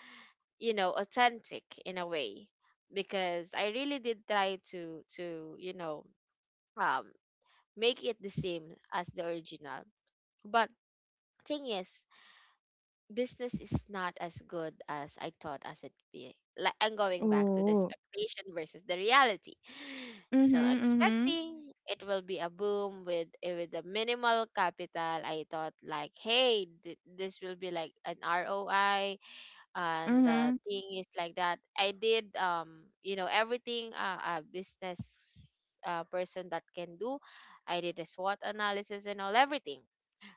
you know, authentic in a way, because I really did try to to you know um make it the same as the original. But thing is, business is not as good as I thought as it be. Like, I'm going back to the
Ooh.
expectation versus the reality. So
Mm-hmm.
expecting it will be a boom with eh, with the minimal capital. I thought like, hey, th- this will be like an R O I. And
Mm-hmm.
the thing is like that. I did, um you know, everything uh, a business, uh, person that can do. I did a SWOT analysis and all, everything.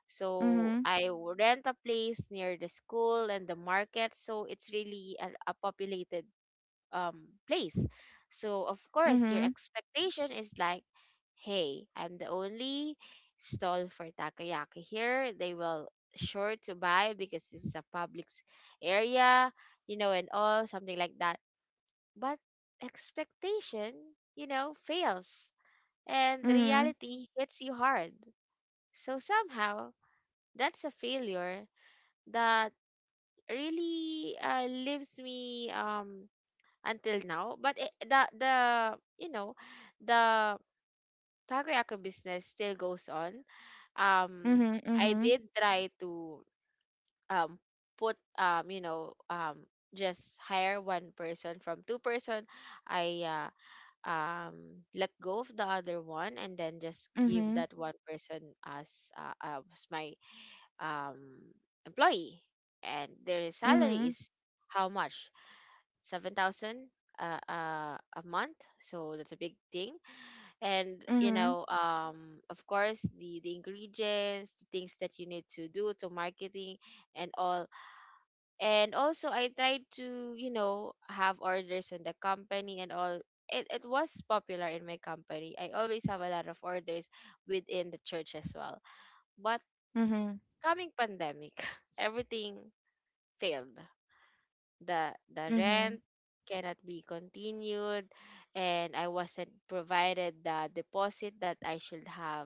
So
Mm-hmm.
I w- rent a place near the school and the market. So it's really a, a populated um place. So of course your
Mm-hmm.
expectation is like, hey, I'm the only stall for takoyaki here. They will sure to buy because this is a public s- area, you know, and all something like that. But expectation, you know, fails and
Mm-hmm.
reality hits you hard. So somehow that's a failure that really, uh, leaves me um until now. But it, the the you know the takoyaki business still goes on. um
Mm-hmm.
i
Mm-hmm.
did try to, um put, um you know um just hire one person from two person. I uh, um let go of the other one and then just give
Mm-hmm.
that one person as, uh, as my, um, employee. And their
Mm-hmm. Mm-hmm.
salary is, how much? Seven thousand, uh, uh, a month. So that's a big thing. And, you
Mm-hmm.
know, um, of course, the the ingredients, the things that you need to do, to marketing and all. And also, I tried to, you know, have orders in the company and all. It, it was popular in my company. I always have a lot of orders within the church as well. But
Mm-hmm.
coming pandemic, everything failed. The the
Mm-hmm.
rent cannot be continued, and I wasn't provided the deposit that I should have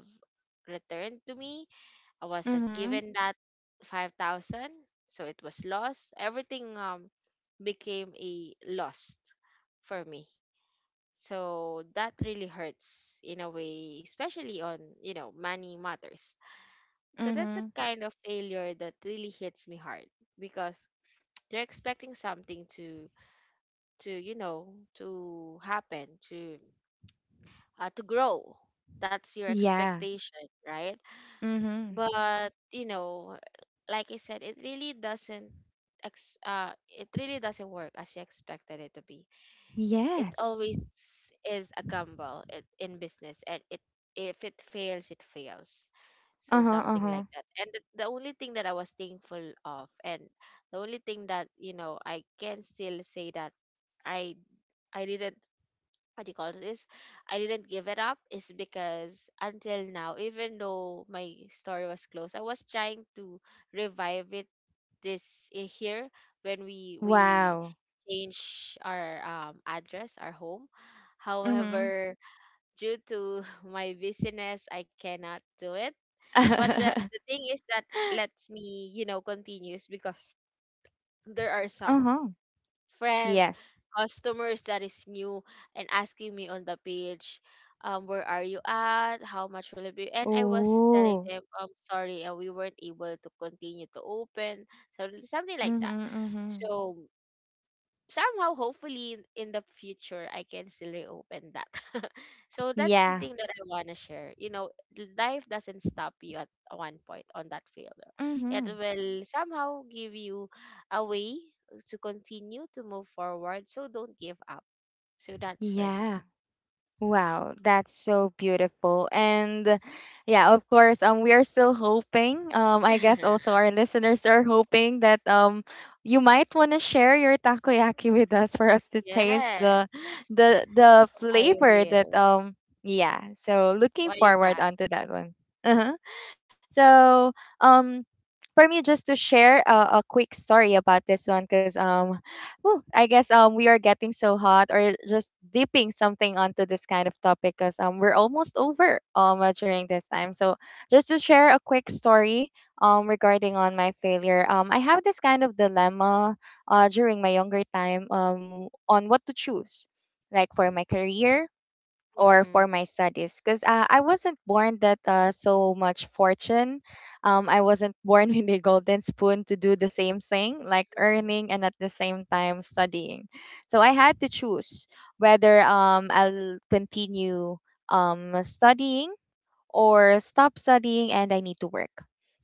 returned to me. I wasn't
Mm-hmm.
given that five thousand, so it was lost. Everything um became a lost for me. So that really hurts in a way, especially on, you know, money matters. So that's a
Mm-hmm.
kind of failure that really hits me hard, because you're expecting something to, to you know to happen, to, uh, to grow. That's your
Yeah.
expectation, right?
Mm-hmm.
But, you know, like I said, it really doesn't, ex- uh, it really doesn't work as you expected it to be. It
Yes.
always is a gamble, it, in business. And it, if it fails, it fails. So
Uh-huh.
something
Uh-huh.
like that. And the, the only thing that I was thankful of, and the only thing that, you know, I can still say that i i didn't, what do you call this? I didn't give it up, is because until now, even though my store was closed, I was trying to revive it. This i- here when we we
Wow.
change our um address, our home.
Mm-hmm.
However, due to my busyness, I cannot do it. But the, the thing is that lets me, you know, continues, because there are some
Uh-huh.
friends,
Yes.
customers that is new, and asking me on the page, um, where are you at? How much will it be? And I was telling
Ooh.
them, I'm sorry, uh, we weren't able to continue to open, so something like
Mm-hmm.
that.
Mm-hmm.
So somehow, hopefully in the future I can still reopen that. So that's the
Yeah.
thing that I want to share. You know, l- life doesn't stop you at one point on that failure. It
Mm-hmm.
will somehow give you a way to continue to move forward. So don't give up. So that's for me.
Yeah. Wow, that's so beautiful. And yeah, of course, um we are still hoping. Um I guess also our listeners are hoping that um you might want to share your takoyaki with us for us to
Yeah.
taste the
Yes,
the the
I
flavor that
will.
um yeah. So looking
Why
forward
not?
onto that one. Uh-huh. So um for me, just to share a, a quick story about this one because um whew, I guess um we are getting so hot, or just dipping something onto this kind of topic because um we're almost over um uh, during this time. So just to share a quick story um regarding on my failure, um I have this kind of dilemma uh during my younger time um on what to choose, like for my career or
Mm-mm.
for my studies, because uh, I wasn't born that uh, so much fortune. Um, I wasn't born with a golden spoon to do the same thing, like
Mm-mm.
earning and at the same time studying. So I had to choose whether um, I'll continue um, studying or stop studying, and I need to work.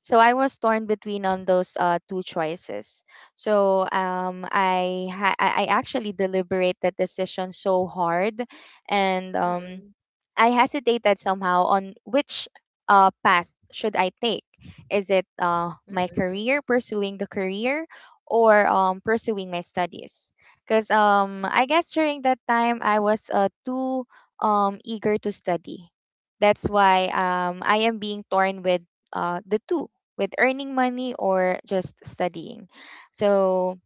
So I was torn between on those uh, two choices. So um, I ha- I I actually deliberate that decision so hard, and um,
Mm-mm.
I hesitated somehow on which uh, path should I take. Is it uh, my
Mm-mm.
career, pursuing the career, or um, pursuing my studies? Because um, I guess during that time I was uh, too um, eager to study. That's why um, I am being torn with uh, the two, with earning money or just studying. So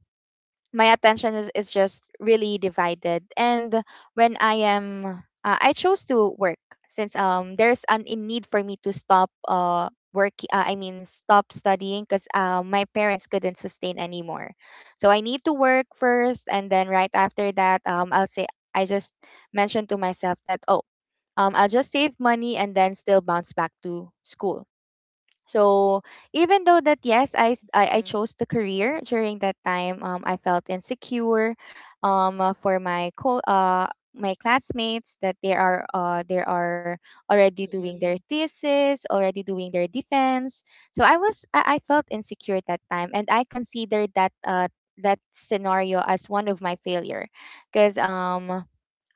my attention is, is just really divided, and when I am uh, I chose to work since um there's an in need for me to stop uh work uh, I mean stop studying because uh, my parents couldn't sustain anymore. So I need to work first, and then right after that um I'll say, I just mentioned to myself that, oh, um, I'll just save money and then still bounce back to school. So, even though
Mm-mm.
that yes, I, s- I I chose the career during that time, Um, I felt insecure um, uh, for my co uh my classmates that they are uh they are
Mm-mm.
already doing their thesis, already doing their defense. So I was I, I felt insecure at that time, and I considered that uh that scenario as one of my failure, because um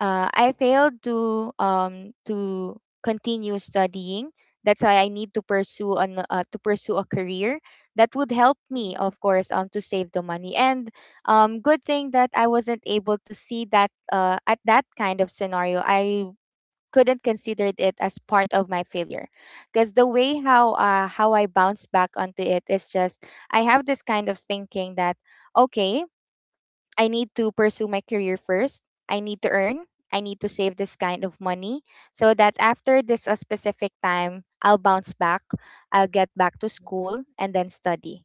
uh, I failed to um to continue studying. That's why I need to pursue an uh, to pursue a career that would help me,
Mm-hmm.
of course, um to save the money. And um, good thing that I wasn't able to see that uh at that kind of scenario, I couldn't consider it as part of my failure, because the way how uh, how I bounce back onto it is just, I have this kind of thinking that, okay, I need to pursue my career first. I need to earn. I need to save this kind of money so that after this a specific time, I'll bounce back. I'll get back to school and then study.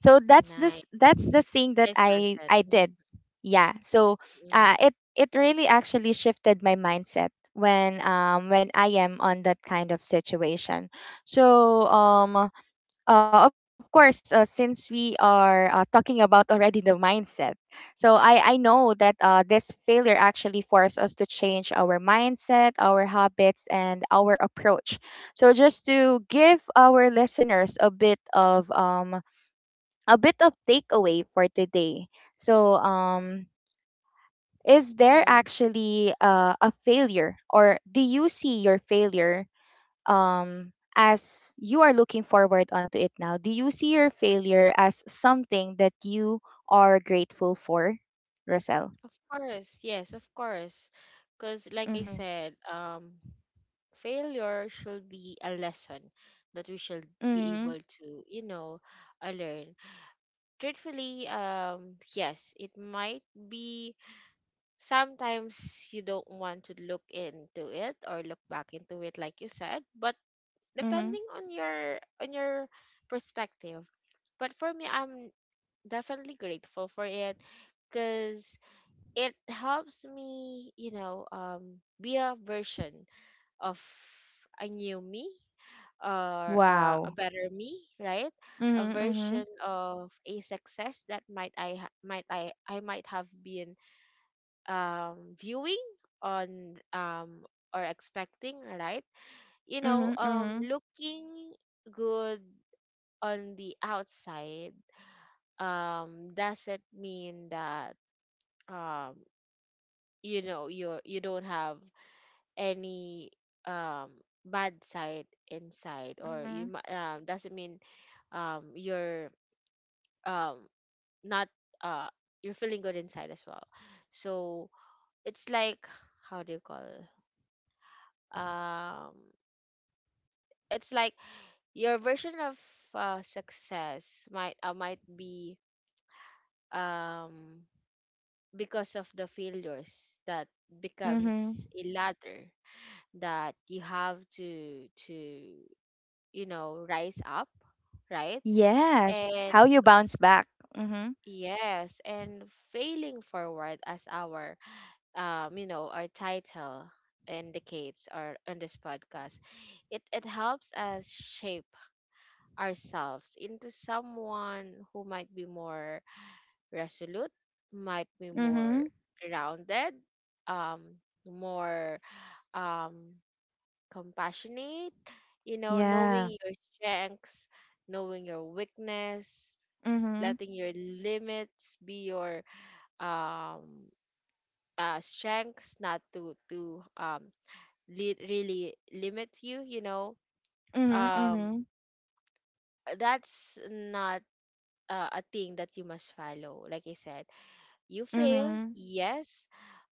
So that's this
Nice.
that's the thing that
Nice
I
mindset.
I
Mhm.
did. Yeah. So
Mm,
uh, it it really actually shifted my mindset when um when I am on that kind of situation. So um uh, of course, uh, since we are uh, talking about already the mindset, so I, I know that uh, this failure actually forced us to change our mindset, our habits, and our approach. So just to give our listeners a bit of um a bit of takeaway for today. So um, is there
mm.
actually uh, a failure, or do you see your failure um as you are looking forward onto it now, do you see your failure as something that you are grateful for, Rosel?
Of course, yes, of course. Because, like I
Mhm.
said, um, failure should be a lesson that we should be
Mhm.
able to, you know, uh, learn. Truthfully, um, yes, it might be sometimes you don't want to look into it or look back into it, like you said, but
Mhm.
depending on your on your perspective. But for me, I'm definitely grateful for it, because it helps me, you know, um, be a version of a new me, or uh, a
Wow.
better me, right? A
Mhm.
version
Mhm.
of a success that might I ha- might I I might have been, um, viewing on, um, or expecting, right? You
Mhm.
know,
Mhm.
um, looking good on the outside um doesn't mean that um you know you you don't have any um bad side inside, or
Mhm.
you mi- um doesn't mean um you're um not, uh you're feeling good inside as well. So it's like, how do you call it? um it's like your version of, uh, success might uh, might be, um because of the failures that becomes
Mhm.
a ladder that you have to to you know rise up, right?
Yes,
And
how you bounce back. Mhm.
yes, and failing forward, as our, um you know, our title indicates, or on this podcast, it it helps us shape ourselves into someone who might be more resolute, might be more
Mhm.
grounded, um more, um compassionate, you know,
Yeah.
knowing your strengths, knowing your weakness,
Mhm.
letting your limits be your, um uh strengths, not to to um li- really limit you, you know.
Mhm.
Um
Mhm.
that's not, uh, a thing that you must follow. Like I said, you fail,
Mhm.
yes,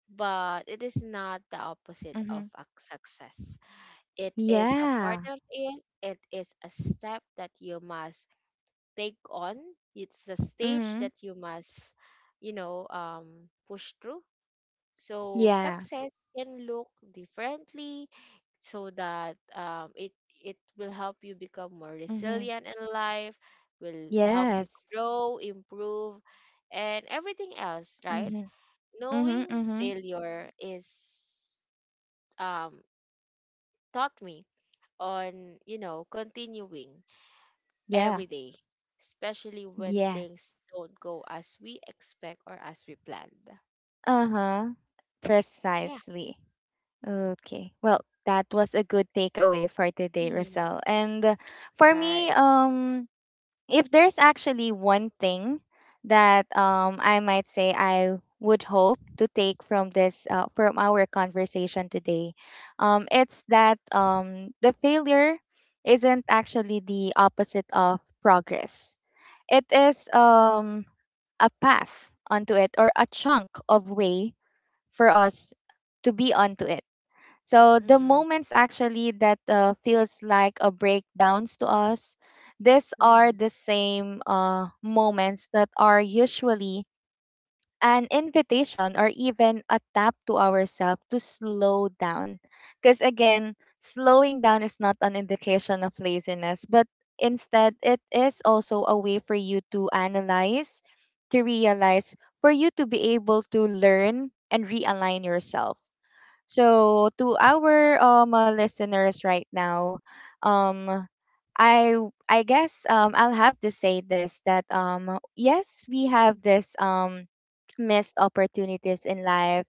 but it is not the opposite of
Mhm.
a success. It is a part
Yeah.
of it. It is a step that you must take on. It's a stage
Mhm.
that you must, you know, um, push through. So
Yeah.
success can look differently, so that, um, it it will help you become more
Mhm.
resilient in life, will help you
Yes.
grow, improve, and everything else, right?
Mhm. Mhm.
Knowing
Mhm.
failure is, um, taught me on, you know, continuing
Yeah.
every day, especially when
Yes.
things don't go as we expect or as we planned.
Uh-huh.
Yeah.
Precisely. Okay. Well, that was a good takeaway for today,
Mhm.
Rosal. And uh, for me,
Right.
um if there's actually one thing that um, I might say I would hope to take from this uh, from our conversation today, um, it's that um, the failure isn't actually the opposite of progress. It is um, a path onto it, or a chunk of way for us to be onto it. So the
Mm-mm.
moments actually that uh, feels like a breakdowns to us, these are
Mm-hmm.
the same uh, moments that are usually an invitation or even a tap to ourselves to slow down. Because again, slowing down is not an indication of laziness, but instead it is also a way for you to analyze, to realize, for you to be able to learn and realign yourself. So to our um uh, listeners right now, um I I guess um I'll have to say this, that um yes,
Mm-hmm.
we have this um missed opportunities in life.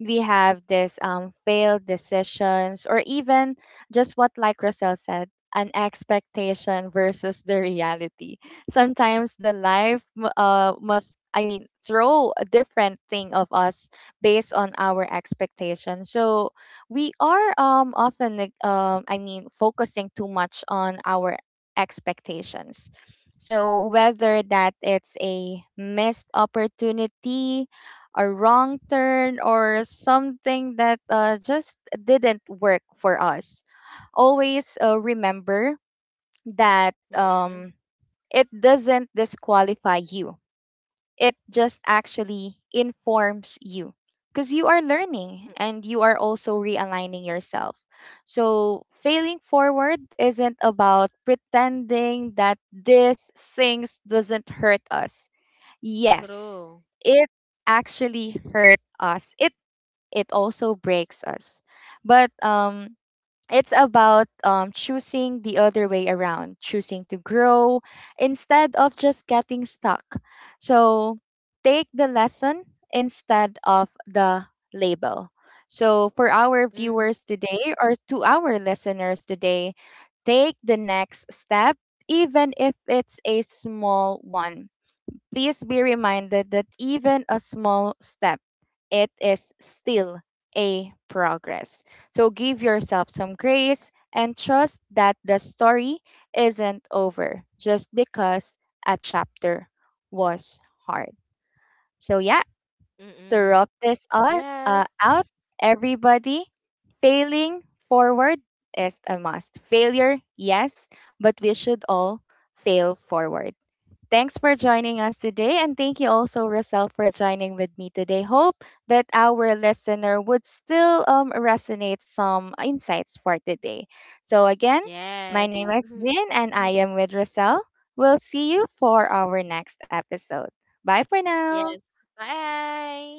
We have this um failed decisions, or even just what like Roselle said, an expectation versus the reality. Sometimes the life mu- uh must, I mean, throw a different thing of us based on our expectation. So we are um, often, neg- um, I mean, focusing too much on our expectations. So whether that it's a missed opportunity, a wrong turn, or something that uh, just didn't work for us, always uh, remember that
Mm-mm.
um, it doesn't disqualify you, it just actually informs you, because you are
Mm.
learning and you are also realigning yourself. So, failing forward isn't about pretending that this things doesn't hurt us.
True.
Yes, it actually hurt us. It it also breaks us. But um it's about um, choosing the other way around, choosing to grow instead of just getting stuck. So take the lesson instead of the label. So, for our
Mm.
viewers today, or to our listeners today, take the next step, even if it's a small one. Please be reminded that even a small step, it is still a progress. So give yourself some grace and trust that the story isn't over just because a chapter was hard. So, yeah,
Mm-mm.
to wrap this up,
Yes.
uh, out, everybody, failing forward is a must. Failure, yes, but we should all fail forward. Thanks for joining us today, and thank you also, Russell, for joining with me today. Hope that our listener would still um, resonate some insights for today. So, again,
Yes.
my name is Jin, and I am with Russell. We'll see you for our next episode. Bye for
Yes.
now.
Bye.